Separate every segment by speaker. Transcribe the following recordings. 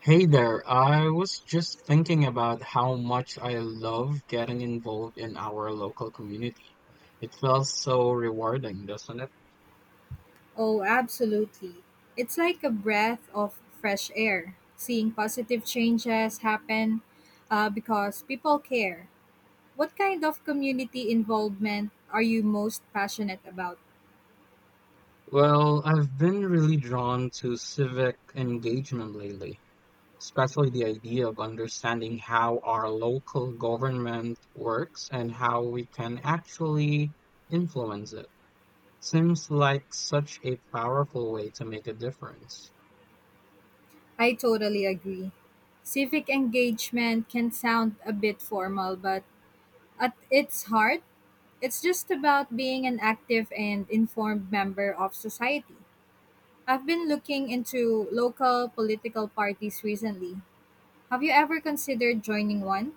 Speaker 1: Hey there, I was just thinking about how much I love getting involved in our local community. It feels so rewarding, doesn't it?
Speaker 2: Oh, absolutely. It's like a breath of fresh air, seeing positive changes happen because people care. What kind of community involvement are you most passionate about?
Speaker 1: Well, I've been really drawn to civic engagement lately, especially the idea of understanding how our local government works and how we can actually influence it. Seems like such a powerful way to make a difference.
Speaker 2: I totally agree. Civic engagement can sound a bit formal, but at its heart, it's just about being an active and informed member of society. I've been looking into local political parties recently. Have you ever considered joining one?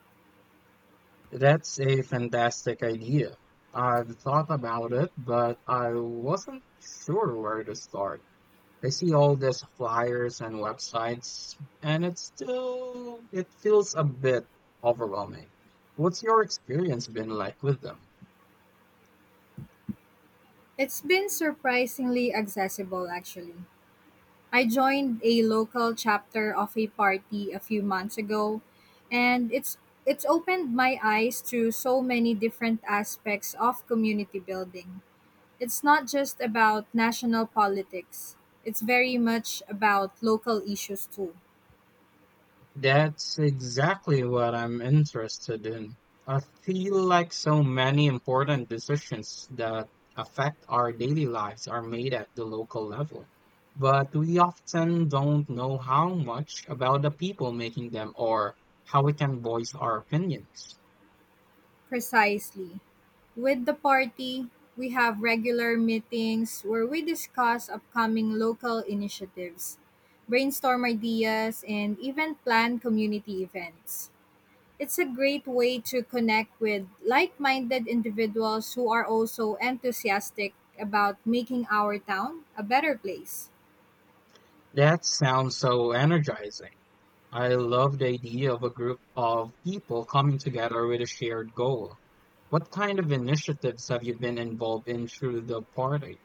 Speaker 1: That's a fantastic idea. I've thought about it, but I wasn't sure where to start. I see all these flyers and websites, and it's still, it feels a bit overwhelming. What's your experience been like with them?
Speaker 2: It's been surprisingly accessible, actually. I joined a local chapter of a party a few months ago, and it's opened my eyes to so many different aspects of community building. It's not just about national politics. It's very much about local issues too.
Speaker 1: That's exactly what I'm interested in. I feel like so many important decisions that affect our daily lives are made at the local level. But we often don't know how much about the people making them or how we can voice our opinions.
Speaker 2: Precisely. With the party, we have regular meetings where we discuss upcoming local initiatives, brainstorm ideas, and even plan community events. It's a great way to connect with like minded individuals who are also enthusiastic about making our town a better place.
Speaker 1: That sounds so energizing. I love the idea of a group of people coming together with a shared goal. What kind of initiatives have you been involved in through the party?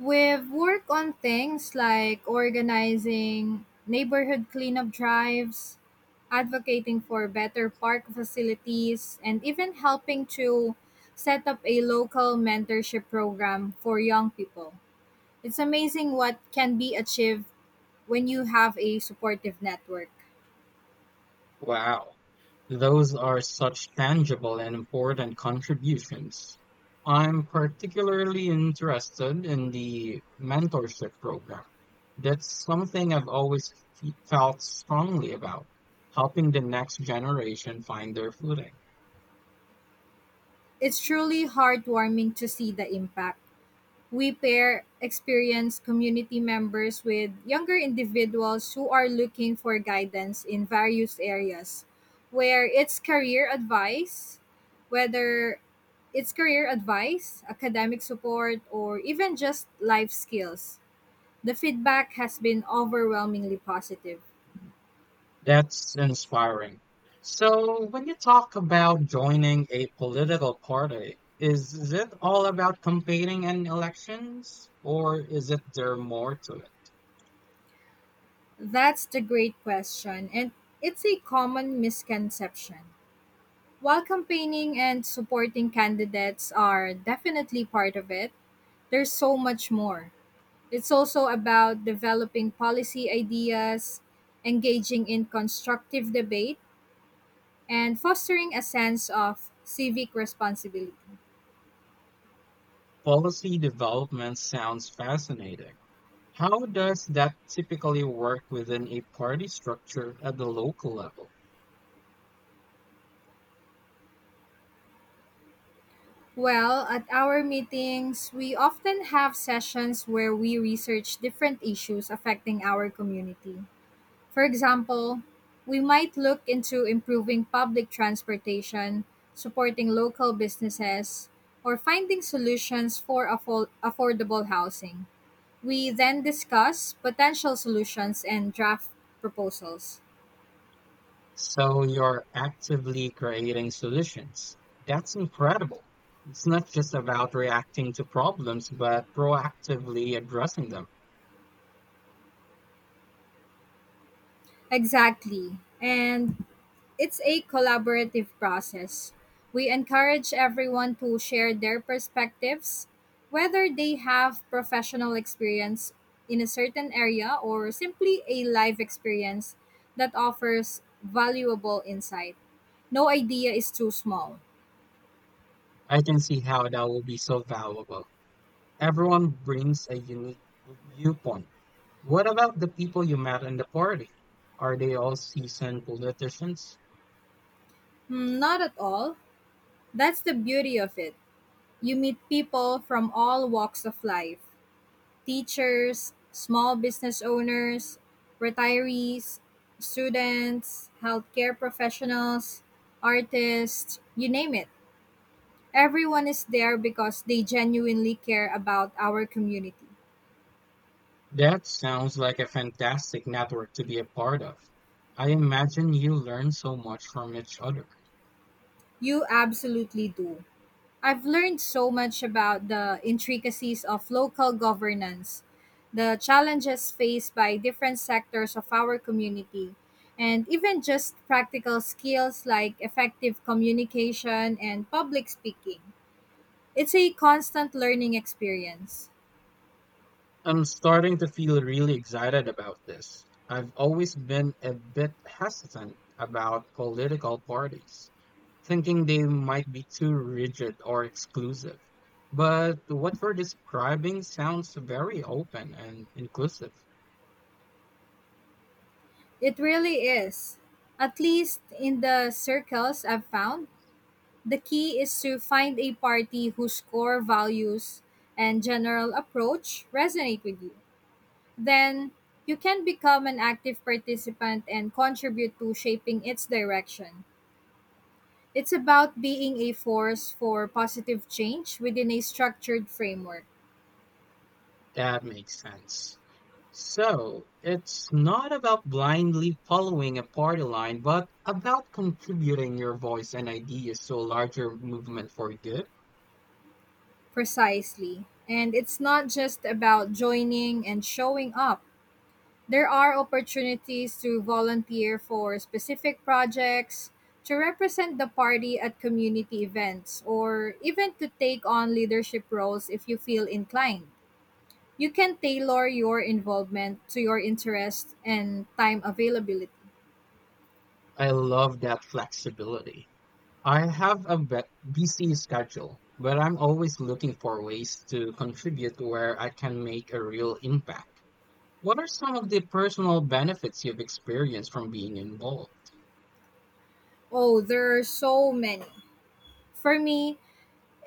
Speaker 2: We've worked on things like organizing neighborhood cleanup drives, advocating for better park facilities, and even helping to set up a local mentorship program for young people. It's amazing what can be achieved when you have a supportive network.
Speaker 1: Wow, those are such tangible and important contributions. I'm particularly interested in the mentorship program. That's something I've always felt strongly about, helping the next generation find their footing.
Speaker 2: It's truly heartwarming to see the impact. We pair experienced community members with younger individuals who are looking for guidance in various areas, where whether it's career advice, academic support, or even just life skills. The feedback has been overwhelmingly positive.
Speaker 1: That's inspiring. So, when you talk about joining a political party, is it all about competing in elections, or is it there more to it?
Speaker 2: That's the great question, and it's a common misconception. While campaigning and supporting candidates are definitely part of it, there's so much more. It's also about developing policy ideas, engaging in constructive debate, and fostering a sense of civic responsibility.
Speaker 1: Policy development sounds fascinating. How does that typically work within a party structure at the local level?
Speaker 2: Well, at our meetings, we often have sessions where we research different issues affecting our community. For example, we might look into improving public transportation, supporting local businesses, or finding solutions for affordable housing. We then discuss potential solutions and draft proposals.
Speaker 1: So you're actively creating solutions. That's incredible. It's not just about reacting to problems, but proactively addressing them.
Speaker 2: Exactly. And it's a collaborative process. We encourage everyone to share their perspectives, whether they have professional experience in a certain area or simply a life experience that offers valuable insight. No idea is too small.
Speaker 1: I can see how that will be so valuable. Everyone brings a unique viewpoint. What about the people you met in the party? Are they all seasoned politicians?
Speaker 2: Not at all. That's the beauty of it. You meet people from all walks of life: teachers, small business owners, retirees, students, healthcare professionals, artists, you name it. Everyone is there because they genuinely care about our community.
Speaker 1: That sounds like a fantastic network to be a part of. I imagine you learn so much from each other.
Speaker 2: You absolutely do. I've learned so much about the intricacies of local governance, the challenges faced by different sectors of our community, and even just practical skills like effective communication and public speaking. It's a constant learning experience.
Speaker 1: I'm starting to feel really excited about this. I've always been a bit hesitant about political parties, thinking they might be too rigid or exclusive. But what we're describing sounds very open and inclusive.
Speaker 2: It really is. At least in the circles I've found, the key is to find a party whose core values and general approach resonate with you. Then you can become an active participant and contribute to shaping its direction. It's about being a force for positive change within a structured framework.
Speaker 1: That makes sense. So, it's not about blindly following a party line, but about contributing your voice and ideas to a larger movement for good.
Speaker 2: Precisely. And it's not just about joining and showing up. There are opportunities to volunteer for specific projects, to represent the party at community events, or even to take on leadership roles if you feel inclined. You can tailor your involvement to your interests and time availability.
Speaker 1: I love that flexibility. I have a busy schedule, but I'm always looking for ways to contribute where I can make a real impact. What are some of the personal benefits you've experienced from being involved?
Speaker 2: Oh, there are so many. For me,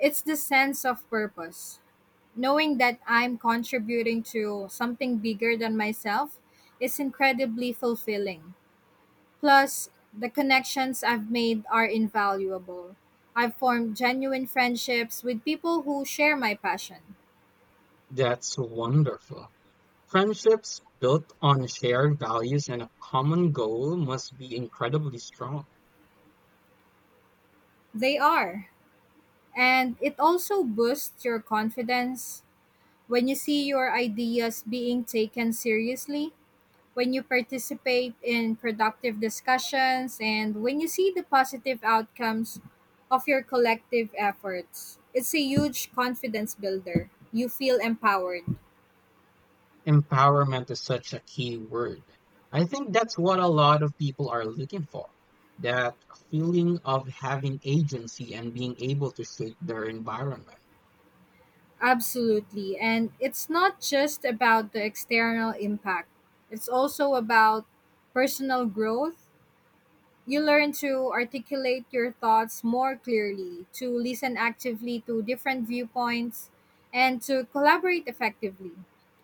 Speaker 2: it's the sense of purpose. Knowing that I'm contributing to something bigger than myself is incredibly fulfilling. Plus, the connections I've made are invaluable. I've formed genuine friendships with people who share my passion.
Speaker 1: That's wonderful. Friendships built on shared values and a common goal must be incredibly strong.
Speaker 2: They are. And it also boosts your confidence, when you see your ideas being taken seriously, when you participate in productive discussions, and when you see the positive outcomes of your collective efforts. It's a huge confidence builder. You feel empowered.
Speaker 1: Empowerment is such a key word. I think that's what a lot of people are looking for. That feeling of having agency and being able to shape their environment.
Speaker 2: Absolutely. And it's not just about the external impact, it's also about personal growth. You learn to articulate your thoughts more clearly, to listen actively to different viewpoints, and to collaborate effectively.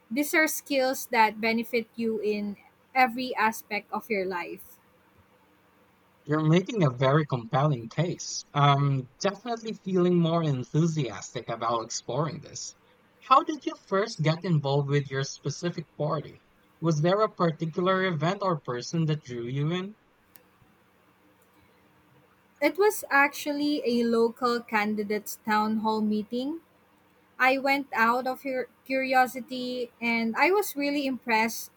Speaker 2: These are skills that benefit you in every aspect of your life.
Speaker 1: You're making a very compelling case. I'm definitely feeling more enthusiastic about exploring this. How did you first get involved with your specific party? Was there a particular event or person that drew you in?
Speaker 2: It was actually a local candidates town hall meeting. I went out of your curiosity and I was really impressed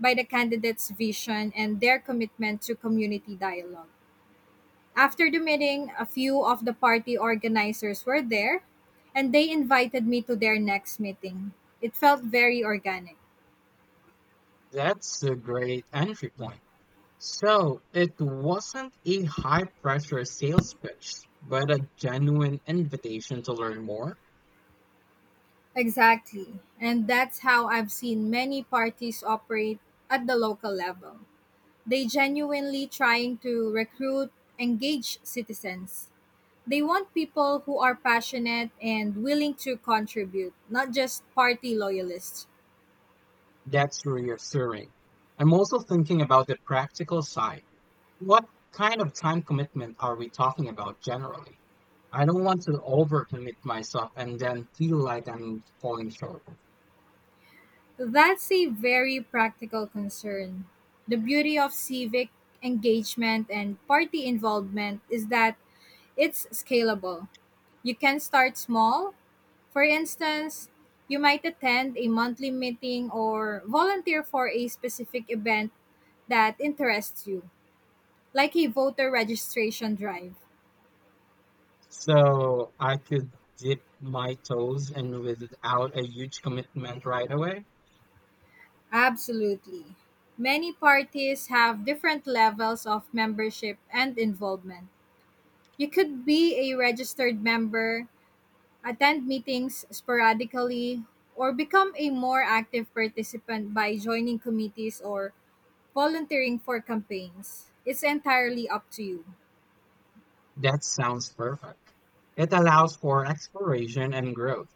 Speaker 2: by the candidates' vision and their commitment to community dialogue. After the meeting, a few of the party organizers were there and they invited me to their next meeting. It felt very organic.
Speaker 1: That's a great entry point. So it wasn't a high pressure sales pitch, but a genuine invitation to learn more.
Speaker 2: Exactly. And that's how I've seen many parties operate at the local level. They genuinely trying to recruit engaged citizens. They want people who are passionate and willing to contribute, not just party loyalists.
Speaker 1: That's reassuring. I'm also thinking about the practical side. What kind of time commitment are we talking about generally? I don't want to overcommit myself and then feel like I'm falling short.
Speaker 2: That's a very practical concern. The beauty of civic engagement and party involvement is that it's scalable. You can start small. For instance, you might attend a monthly meeting or volunteer for a specific event that interests you, like a voter registration drive.
Speaker 1: So I could dip my toes in without a huge commitment right away.
Speaker 2: Absolutely. Many parties have different levels of membership and involvement. You could be a registered member, attend meetings sporadically, or become a more active participant by joining committees or volunteering for campaigns. It's entirely up to you.
Speaker 1: That sounds perfect. It allows for exploration and growth.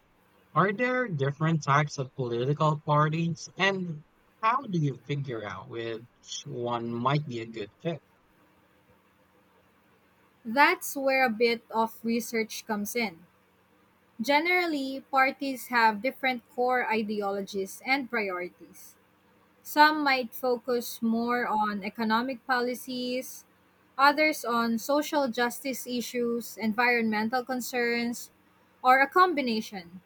Speaker 1: Are there different types of political parties, and how do you figure out which one might be a good fit?
Speaker 2: That's where a bit of research comes in. Generally, parties have different core ideologies and priorities. Some might focus more on economic policies, others on social justice issues, environmental concerns, or a combination.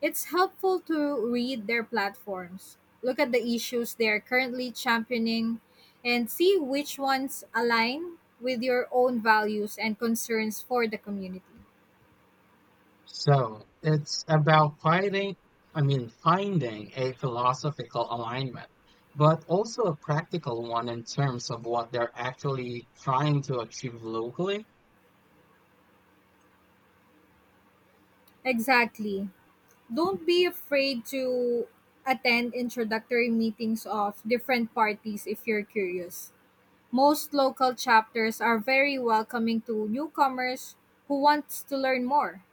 Speaker 2: It's helpful to read their platforms, look at the issues they are currently championing, and see which ones align with your own values and concerns for the community.
Speaker 1: So it's about fighting, I mean, finding a philosophical alignment, but also a practical one in terms of what they're actually trying to achieve locally.
Speaker 2: Exactly. Don't be afraid to attend introductory meetings of different parties if you're curious. Most local chapters are very welcoming to newcomers who want to learn more.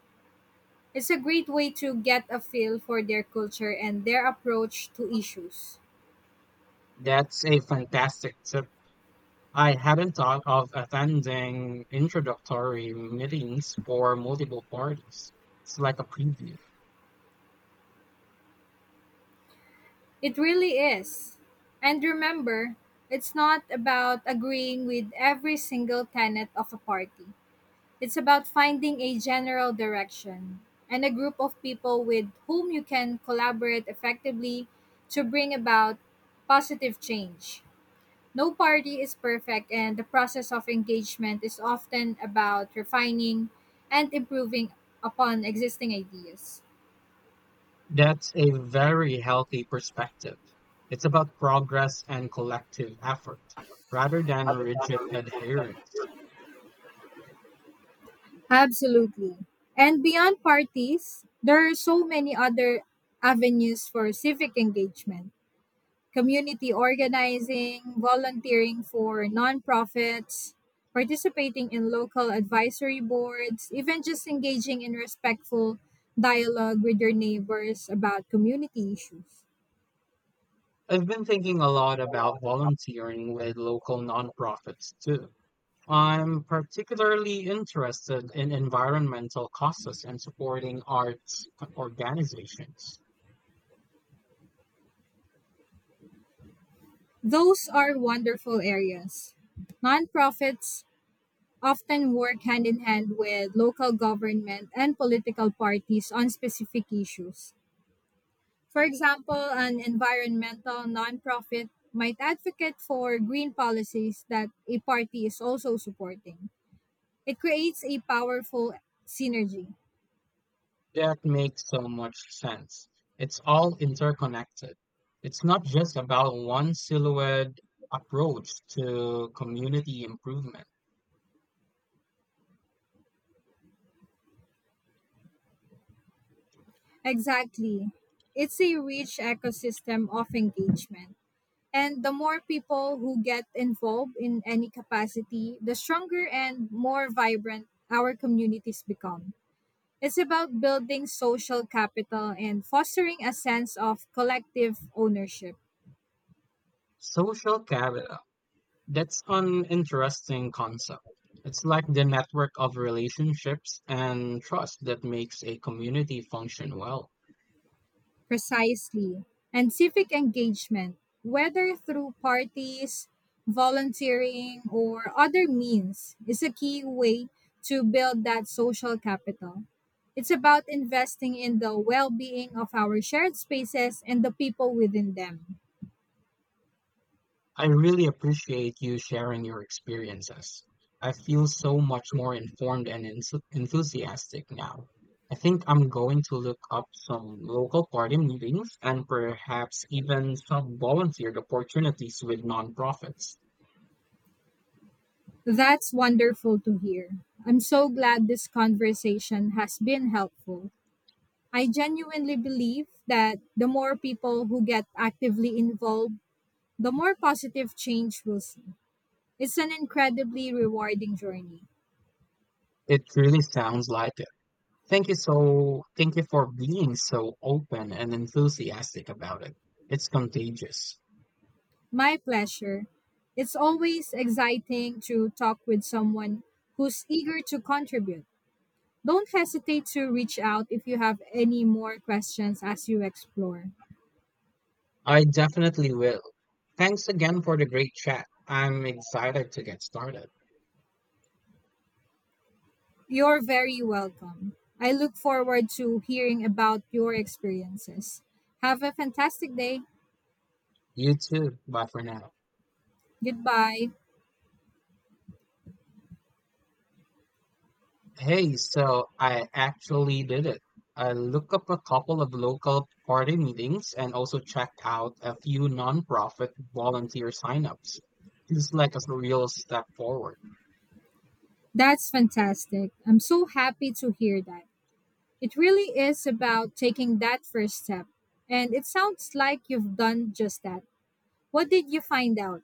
Speaker 2: It's a great way to get a feel for their culture and their approach to issues.
Speaker 1: That's a fantastic tip. I hadn't thought of attending introductory meetings for multiple parties. It's like a preview.
Speaker 2: It really is. And remember, it's not about agreeing with every single tenet of a party. It's about finding a general direction and a group of people with whom you can collaborate effectively to bring about positive change. No party is perfect, and the process of engagement is often about refining and improving upon existing ideas.
Speaker 1: That's a very healthy perspective. It's about progress and collective effort rather than rigid adherence.
Speaker 2: Absolutely. And beyond parties, there are so many other avenues for civic engagement: community organizing, volunteering for nonprofits, participating in local advisory boards, even just engaging in respectful dialogue with your neighbors about community issues.
Speaker 1: I've been thinking a lot about volunteering with local nonprofits too. I'm particularly interested in environmental causes and supporting arts organizations.
Speaker 2: Those are wonderful areas. Nonprofits often work hand in hand with local government and political parties on specific issues. For example, an environmental nonprofit might advocate for green policies that a party is also supporting. It creates a powerful synergy.
Speaker 1: That makes so much sense. It's all interconnected. It's not just about one silhouette approach to community improvement.
Speaker 2: Exactly. It's a rich ecosystem of engagement. And the more people who get involved in any capacity, the stronger and more vibrant our communities become. It's about building social capital and fostering a sense of collective ownership.
Speaker 1: Social capital. That's an interesting concept. It's like the network of relationships and trust that makes a community function well.
Speaker 2: Precisely. And civic engagement, whether through parties, volunteering, or other means, is a key way to build that social capital. It's about investing in the well being of our shared spaces and the people within them.
Speaker 1: I really appreciate you sharing your experiences. I feel so much more informed and enthusiastic now. I think I'm going to look up some local party meetings and perhaps even some volunteered opportunities with nonprofits.
Speaker 2: That's wonderful to hear. I'm so glad this conversation has been helpful. I genuinely believe that the more people who get actively involved, the more positive change we'll see. It's an incredibly rewarding journey.
Speaker 1: It really sounds like it. Thank you for being so open and enthusiastic about it. It's contagious.
Speaker 2: My pleasure. It's always exciting to talk with someone who's eager to contribute. Don't hesitate to reach out if you have any more questions as you explore.
Speaker 1: I definitely will. Thanks again for the great chat. I'm excited to get started.
Speaker 2: You're very welcome. I look forward to hearing about your experiences. Have a fantastic day.
Speaker 1: You too. Bye for now.
Speaker 2: Goodbye.
Speaker 1: Hey, so I actually did it. I looked up a couple of local party meetings and also checked out a few nonprofit volunteer signups. It's like a real step forward.
Speaker 2: That's fantastic. I'm so happy to hear that. It really is about taking that first step. And it sounds like you've done just that. What did you find out?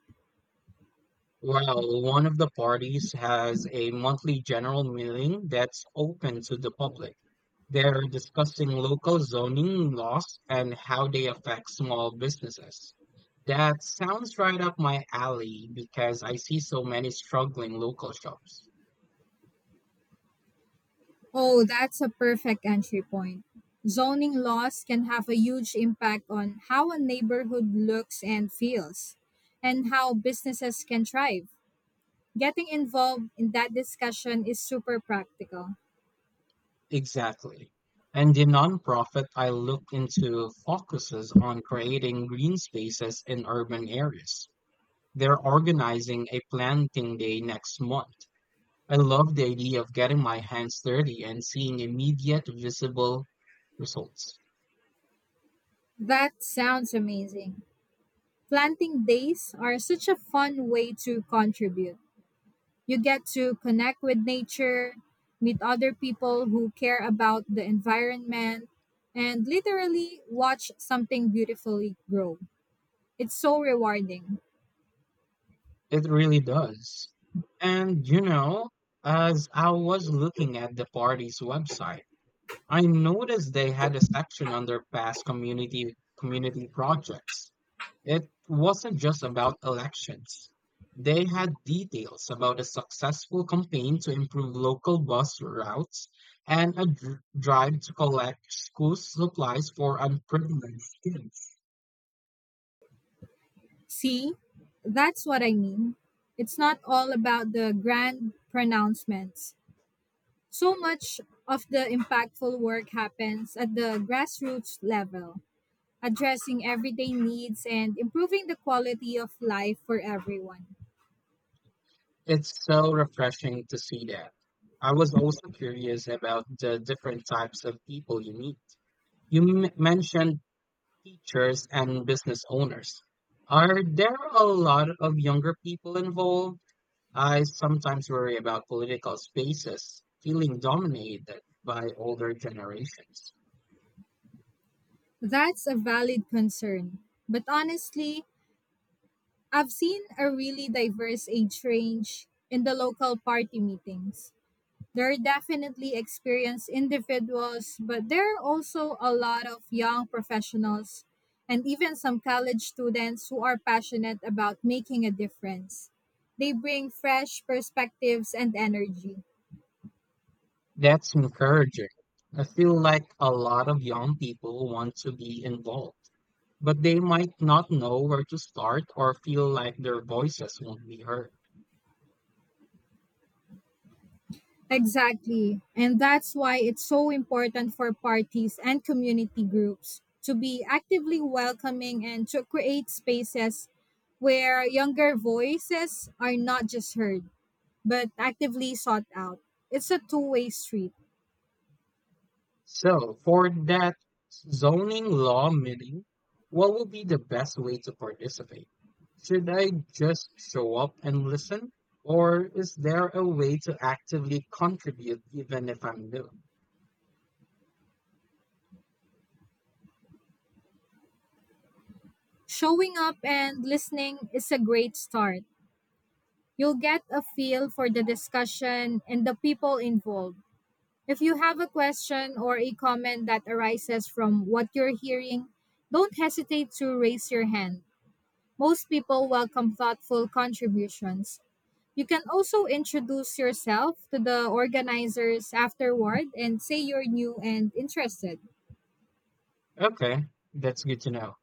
Speaker 1: Well, one of the parties has a monthly general meeting that's open to the public. They're discussing local zoning laws and how they affect small businesses. That sounds right up my alley because I see so many struggling local shops.
Speaker 2: Oh, that's a perfect entry point. Zoning laws can have a huge impact on how a neighborhood looks and feels, and how businesses can thrive. Getting involved in that discussion is super practical.
Speaker 1: Exactly. And the nonprofit I look into focuses on creating green spaces in urban areas. They're organizing a planting day next month. I love the idea of getting my hands dirty and seeing immediate visible results.
Speaker 2: That sounds amazing. Planting days are such a fun way to contribute. You get to connect with nature, meet other people who care about the environment, and literally watch something beautifully grow. It's so rewarding.
Speaker 1: It really does. And you know, as I was looking at the party's website, I noticed they had a section under past community projects. It wasn't just about elections. They had details about a successful campaign to improve local bus routes and a drive to collect school supplies for unprivileged kids.
Speaker 2: See, that's what I mean. It's not all about the grand pronouncements. So much of the impactful work happens at the grassroots level, addressing everyday needs and improving the quality of life for everyone.
Speaker 1: It's so refreshing to see that. I was also curious about the different types of people you meet. You mentioned teachers and business owners. Are there a lot of younger people involved? I sometimes worry about political spaces feeling dominated by older generations.
Speaker 2: That's a valid concern. But honestly, I've seen a really diverse age range in the local party meetings. There are definitely experienced individuals, but there are also a lot of young professionals and even some college students who are passionate about making a difference. They bring fresh perspectives and energy.
Speaker 1: That's encouraging. I feel like a lot of young people want to be involved, but they might not know where to start or feel like their voices won't be heard.
Speaker 2: Exactly. And that's why it's so important for parties and community groups to be actively welcoming and to create spaces where younger voices are not just heard, but actively sought out. It's a two-way street.
Speaker 1: So, for that zoning law meeting, what would be the best way to participate? Should I just show up and listen? Or is there a way to actively contribute even if I'm new?
Speaker 2: Showing up and listening is a great start. You'll get a feel for the discussion and the people involved. If you have a question or a comment that arises from what you're hearing, don't hesitate to raise your hand. Most people welcome thoughtful contributions. You can also introduce yourself to the organizers afterward and say you're new and interested.
Speaker 1: Okay, that's good to know.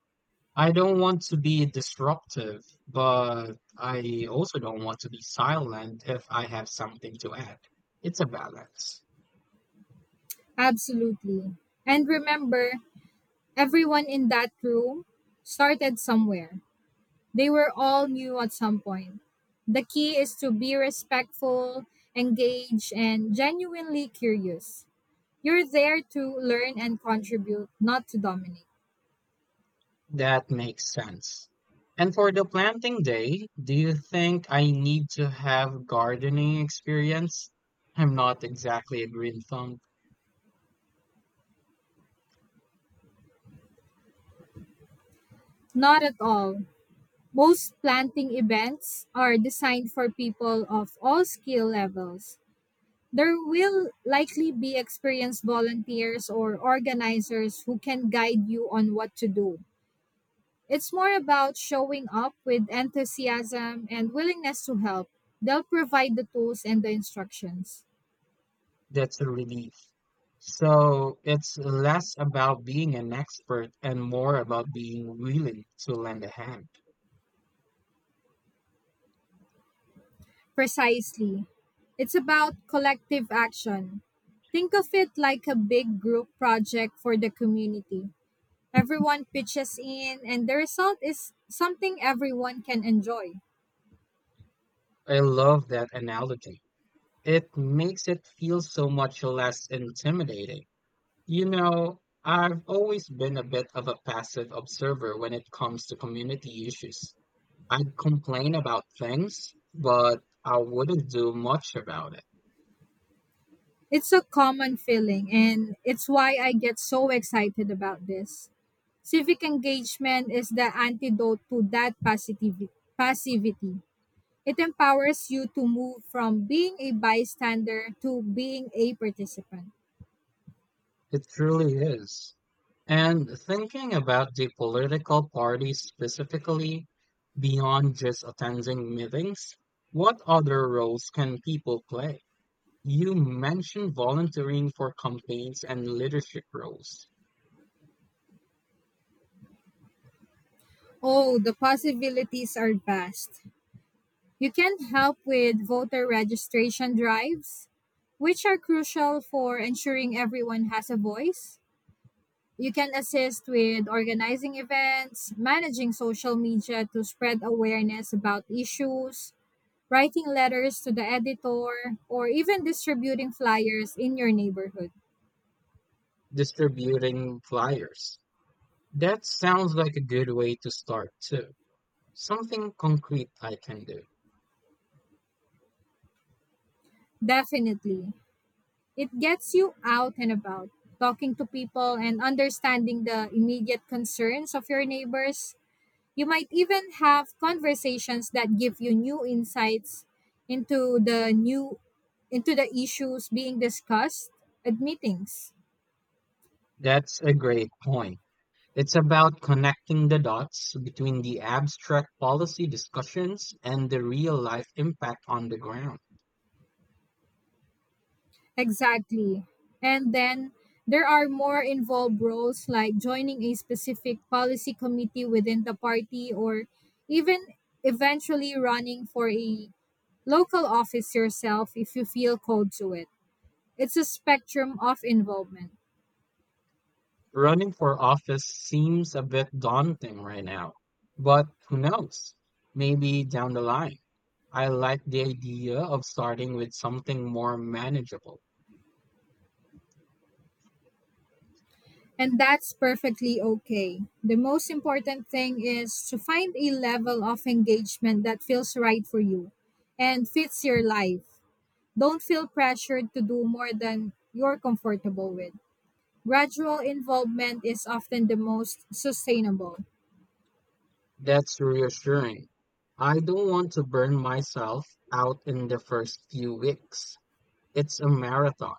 Speaker 1: I don't want to be disruptive, but I also don't want to be silent if I have something to add. It's a balance.
Speaker 2: Absolutely. And remember, everyone in that room started somewhere. They were all new at some point. The key is to be respectful, engaged, and genuinely curious. You're there to learn and contribute, not to dominate.
Speaker 1: That makes sense. And for the planting day, do you think I need to have gardening experience? I'm not exactly a green thumb.
Speaker 2: Not at all. Most planting events are designed for people of all skill levels. There will likely be experienced volunteers or organizers who can guide you on what to do. It's more about showing up with enthusiasm and willingness to help. They'll provide the tools and the instructions.
Speaker 1: That's a relief. So it's less about being an expert and more about being willing to lend a hand.
Speaker 2: Precisely. It's about collective action. Think of it like a big group project for the community. Everyone pitches in, and the result is something everyone can enjoy.
Speaker 1: I love that analogy. It makes it feel so much less intimidating. You know, I've always been a bit of a passive observer when it comes to community issues. I'd complain about things, but I wouldn't do much about it.
Speaker 2: It's a common feeling, and it's why I get so excited about this. Civic engagement is the antidote to that passivity. It empowers you to move from being a bystander to being a participant.
Speaker 1: It truly is. And thinking about the political parties specifically, beyond just attending meetings, what other roles can people play? You mentioned volunteering for campaigns and leadership roles.
Speaker 2: Oh, the possibilities are vast. You can help with voter registration drives, which are crucial for ensuring everyone has a voice. You can assist with organizing events, managing social media to spread awareness about issues, writing letters to the editor, or even distributing flyers in your neighborhood.
Speaker 1: Distributing flyers, that sounds like a good way to start, too. Something concrete I can do.
Speaker 2: Definitely. It gets you out and about, talking to people and understanding the immediate concerns of your neighbors. You might even have conversations that give you new insights into the new into the issues being discussed at meetings.
Speaker 1: That's a great point. It's about connecting the dots between the abstract policy discussions and the real life impact on the ground.
Speaker 2: Exactly. And then there are more involved roles like joining a specific policy committee within the party or even eventually running for a local office yourself if you feel called to it. It's a spectrum of involvement.
Speaker 1: Running for office seems a bit daunting right now, but who knows? Maybe down the line. I like the idea of starting with something more manageable.
Speaker 2: And that's perfectly okay. The most important thing is to find a level of engagement that feels right for you and fits your life. Don't feel pressured to do more than you're comfortable with. Gradual involvement is often the most sustainable.
Speaker 1: That's reassuring. I don't want to burn myself out in the first few weeks. It's a marathon,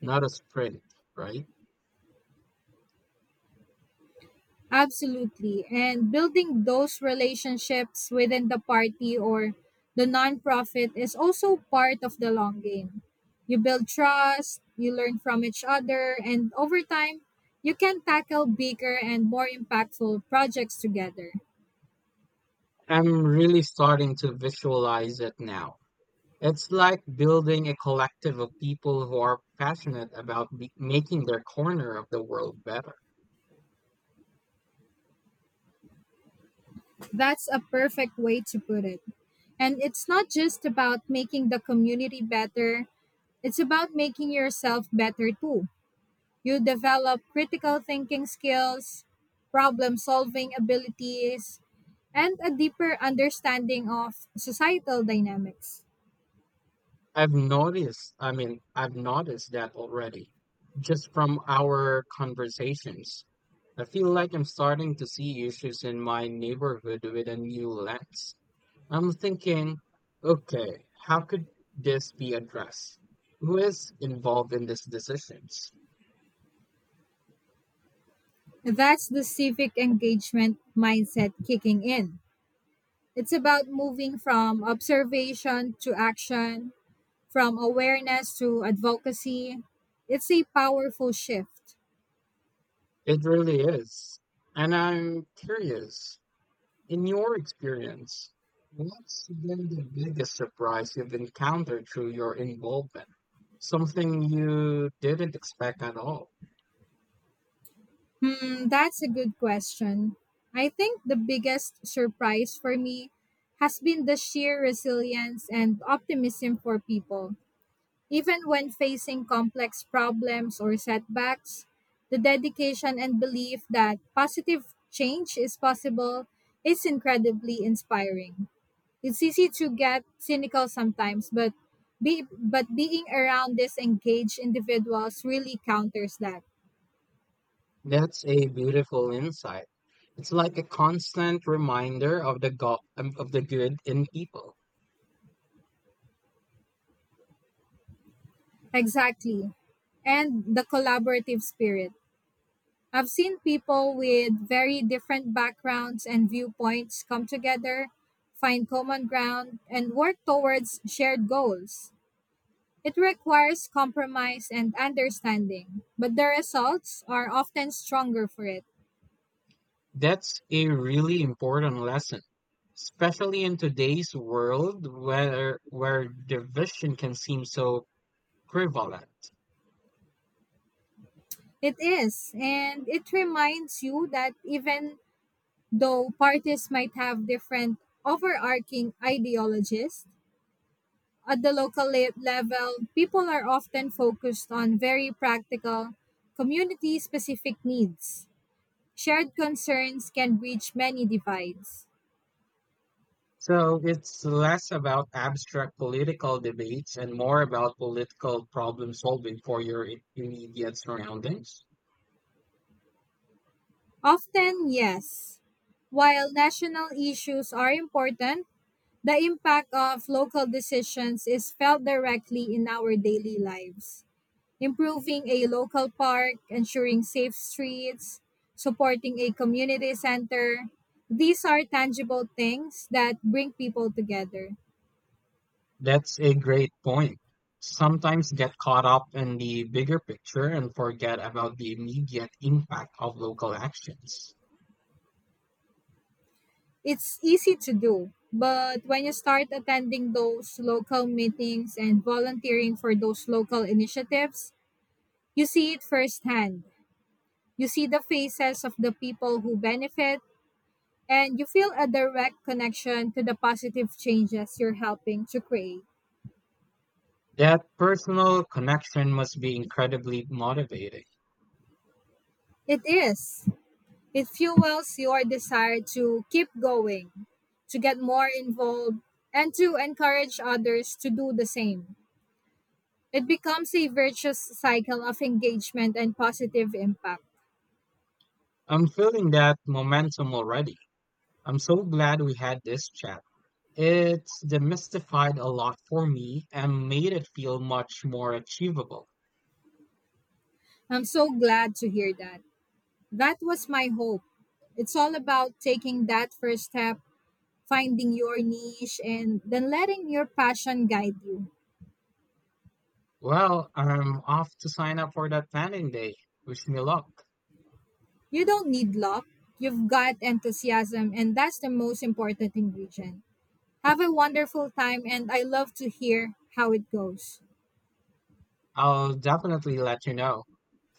Speaker 1: not a sprint, right?
Speaker 2: Absolutely. And building those relationships within the party or the nonprofit is also part of the long game. You build trust, you learn from each other, and over time, you can tackle bigger and more impactful projects together.
Speaker 1: I'm really starting to visualize it now. It's like building a collective of people who are passionate about making their corner of the world better.
Speaker 2: That's a perfect way to put it. And it's not just about making the community better, it's about making yourself better too. You develop critical thinking skills, problem solving abilities, and a deeper understanding of societal dynamics.
Speaker 1: I've noticed that already, just from our conversations. I feel like I'm starting to see issues in my neighborhood with a new lens. I'm thinking, okay, how could this be addressed? Who is involved in these decisions?
Speaker 2: That's the civic engagement mindset kicking in. It's about moving from observation to action, from awareness to advocacy, it's a powerful shift.
Speaker 1: It really is. And I'm curious. In your experience, what's been the biggest surprise you've encountered through your involvement? Something you didn't expect at all.
Speaker 2: Hmm, that's a good question. I think the biggest surprise for me has been the sheer resilience and optimism for people. Even when facing complex problems or setbacks, the dedication and belief that positive change is possible is incredibly inspiring. It's easy to get cynical sometimes, but being around these engaged individuals really counters that.
Speaker 1: That's a beautiful insight. It's like a constant reminder of the of the good in people.
Speaker 2: Exactly. And the collaborative spirit. I've seen people with very different backgrounds and viewpoints come together, find common ground, and work towards shared goals. It requires compromise and understanding, but the results are often stronger for it.
Speaker 1: That's a really important lesson, especially in today's world where division can seem so prevalent.
Speaker 2: It is. And it reminds you that even though parties might have different overarching ideologies, at the level, people are often focused on very practical, community specific needs. Shared concerns can bridge many divides.
Speaker 1: So it's less about abstract political debates and more about political problem solving for your immediate surroundings.
Speaker 2: Often, yes. While national issues are important, the impact of local decisions is felt directly in our daily lives. Improving a local park, ensuring safe streets, supporting a community center. These are tangible things that bring people together.
Speaker 1: That's a great point. Sometimes get caught up in the bigger picture and forget about the immediate impact of local actions.
Speaker 2: It's easy to do, but when you start attending those local meetings and volunteering for those local initiatives, you see it firsthand. You see the faces of the people who benefit, and you feel a direct connection to the positive changes you're helping to create.
Speaker 1: That personal connection must be incredibly motivating.
Speaker 2: It is. It fuels your desire to keep going, to get more involved, and to encourage others to do the same. It becomes a virtuous cycle of engagement and positive impact.
Speaker 1: I'm feeling that momentum already. I'm so glad we had this chat. It demystified a lot for me and made it feel much more achievable.
Speaker 2: I'm so glad to hear that. That was my hope. It's all about taking that first step, finding your niche, and then letting your passion guide you.
Speaker 1: Well, I'm off to sign up for that planning day. Wish me luck.
Speaker 2: You don't need luck, you've got enthusiasm, and that's the most important ingredient. Have a wonderful time, and I love to hear how it goes.
Speaker 1: I'll definitely let you know.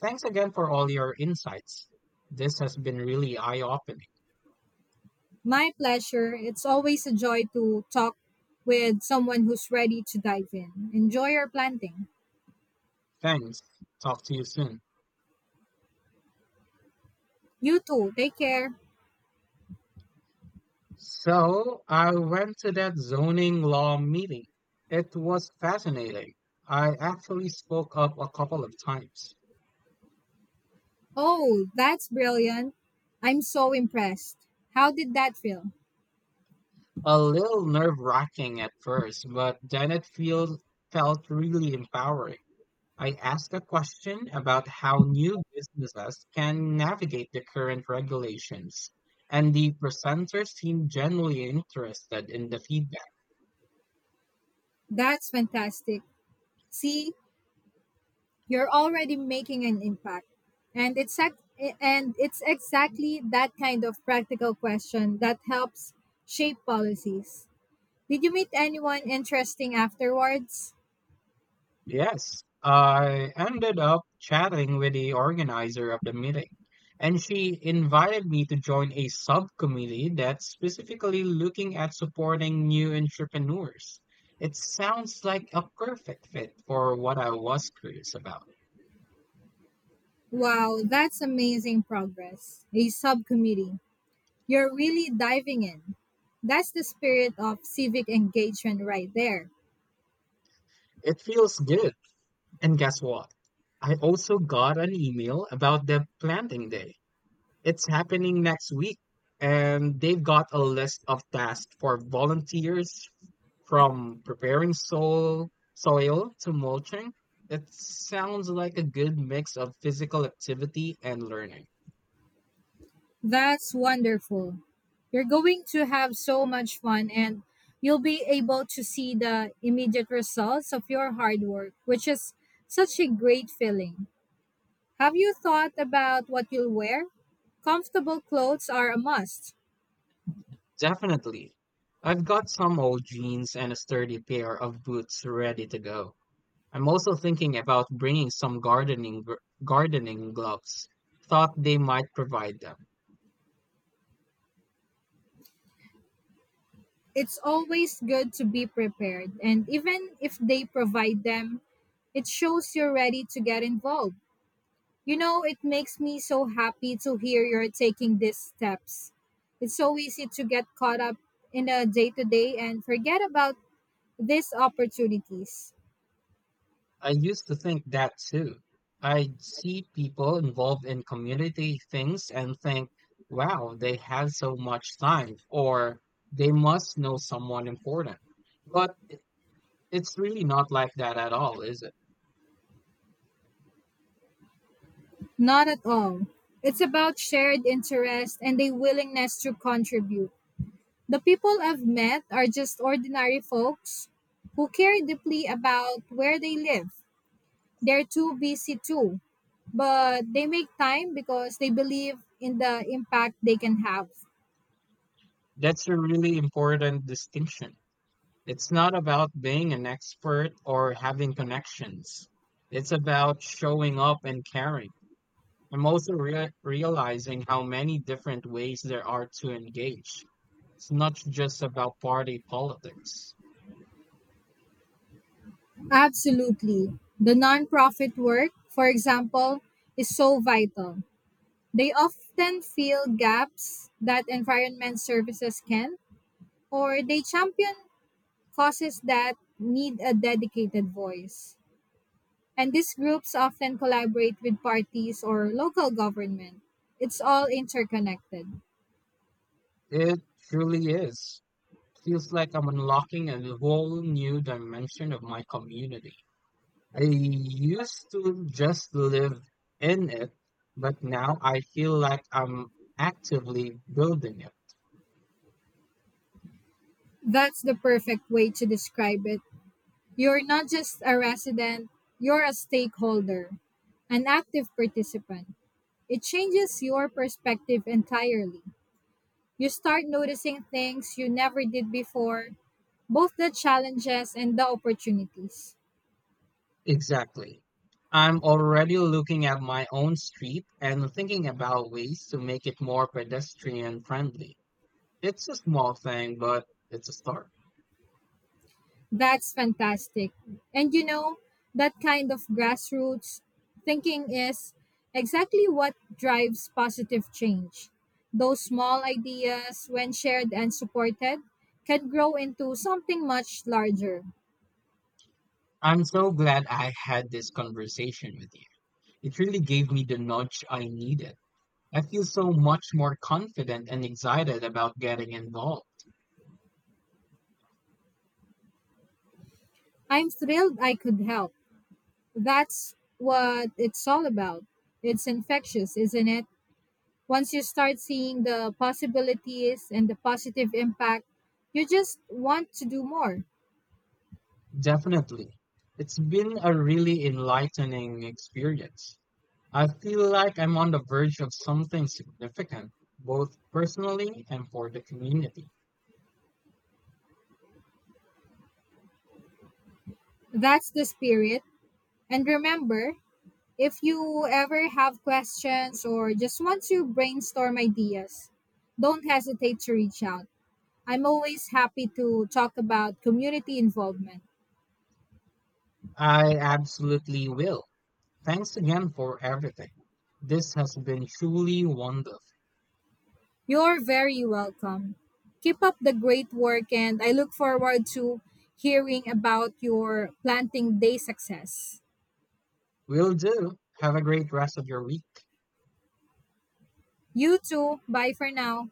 Speaker 1: Thanks again for all your insights. This has been really eye-opening.
Speaker 2: My pleasure. It's always a joy to talk with someone who's ready to dive in. Enjoy your planting.
Speaker 1: Thanks. Talk to you soon.
Speaker 2: You too. Take care.
Speaker 1: So, I went to that zoning law meeting. It was fascinating. I actually spoke up a couple of times.
Speaker 2: Oh, that's brilliant. I'm so impressed. How did that feel?
Speaker 1: A little nerve-wracking at first, but then it feels felt really empowering. I asked a question about how new businesses can navigate the current regulations, and the presenter seemed genuinely interested in the feedback.
Speaker 2: That's fantastic. See, you're already making an impact. And it's ex- and it's exactly that kind of practical question that helps shape policies. Did you meet anyone interesting afterwards?
Speaker 1: Yes, I ended up chatting with the organizer of the meeting, and she invited me to join a subcommittee that's specifically looking at supporting new entrepreneurs. It sounds like a perfect fit for what I was curious about.
Speaker 2: Wow, that's amazing progress. A subcommittee. You're really diving in. That's the spirit of civic engagement right there.
Speaker 1: It feels good. And guess what? I also got an email about the planting day. It's happening next week, and they've got a list of tasks for volunteers from preparing soil to mulching. It sounds like a good mix of physical activity and learning.
Speaker 2: That's wonderful. You're going to have so much fun and you'll be able to see the immediate results of your hard work, which is such a great feeling. Have you thought about what you'll wear? Comfortable clothes are a must.
Speaker 1: Definitely. I've got some old jeans and a sturdy pair of boots ready to go. I'm also thinking about bringing some gardening gloves. Thought they might provide them.
Speaker 2: It's always good to be prepared, and even if they provide them, it shows you're ready to get involved. You know, it makes me so happy to hear you're taking these steps. It's so easy to get caught up in a day to day and forget about these opportunities.
Speaker 1: I used to think that too. I'd see people involved in community things and think, wow, they had so much time, or they must know someone important. But it's really not like that at all, is it?
Speaker 2: Not at all. It's about shared interest and a willingness to contribute. The people I've met are just ordinary folks who care deeply about where they live. They're too busy too, but they make time because they believe in the impact they can have.
Speaker 1: That's a really important distinction. It's not about being an expert or having connections, it's about showing up and caring. I'm also realizing how many different ways there are to engage. It's not just about party politics.
Speaker 2: Absolutely, the nonprofit work, for example, is so vital. They often fill gaps that environment services can, or they champion causes that need a dedicated voice, and these groups often collaborate with parties or local government. It's all interconnected.
Speaker 1: It truly is. Feels like I'm unlocking a whole new dimension of my community. I used to just live in it, but now I feel like I'm actively building it.
Speaker 2: That's the perfect way to describe it. You're not just a resident, you're a stakeholder, an active participant. It changes your perspective entirely. You start noticing things you never did before, both the challenges and the opportunities.
Speaker 1: Exactly. I'm already looking at my own street and thinking about ways to make it more pedestrian friendly. It's a small thing, but it's a start.
Speaker 2: That's fantastic. And you know, that kind of grassroots thinking is exactly what drives positive change. Those small ideas, when shared and supported, can grow into something much larger.
Speaker 1: I'm so glad I had this conversation with you. It really gave me the nudge I needed. I feel so much more confident and excited about getting involved.
Speaker 2: I'm thrilled I could help. That's what it's all about. It's infectious, isn't it? Once you start seeing the possibilities and the positive impact, you just want to do more.
Speaker 1: Definitely. It's been a really enlightening experience. I feel like I'm on the verge of something significant, both personally and for the community.
Speaker 2: That's the spirit. And remember, if you ever have questions or just want to brainstorm ideas, don't hesitate to reach out. I'm always happy to talk about community involvement.
Speaker 1: I absolutely will. Thanks again for everything. This has been truly wonderful.
Speaker 2: You're very welcome. Keep up the great work, and I look forward to hearing about your planting day success.
Speaker 1: Will do. Have a great rest of your week.
Speaker 2: You too. Bye for now.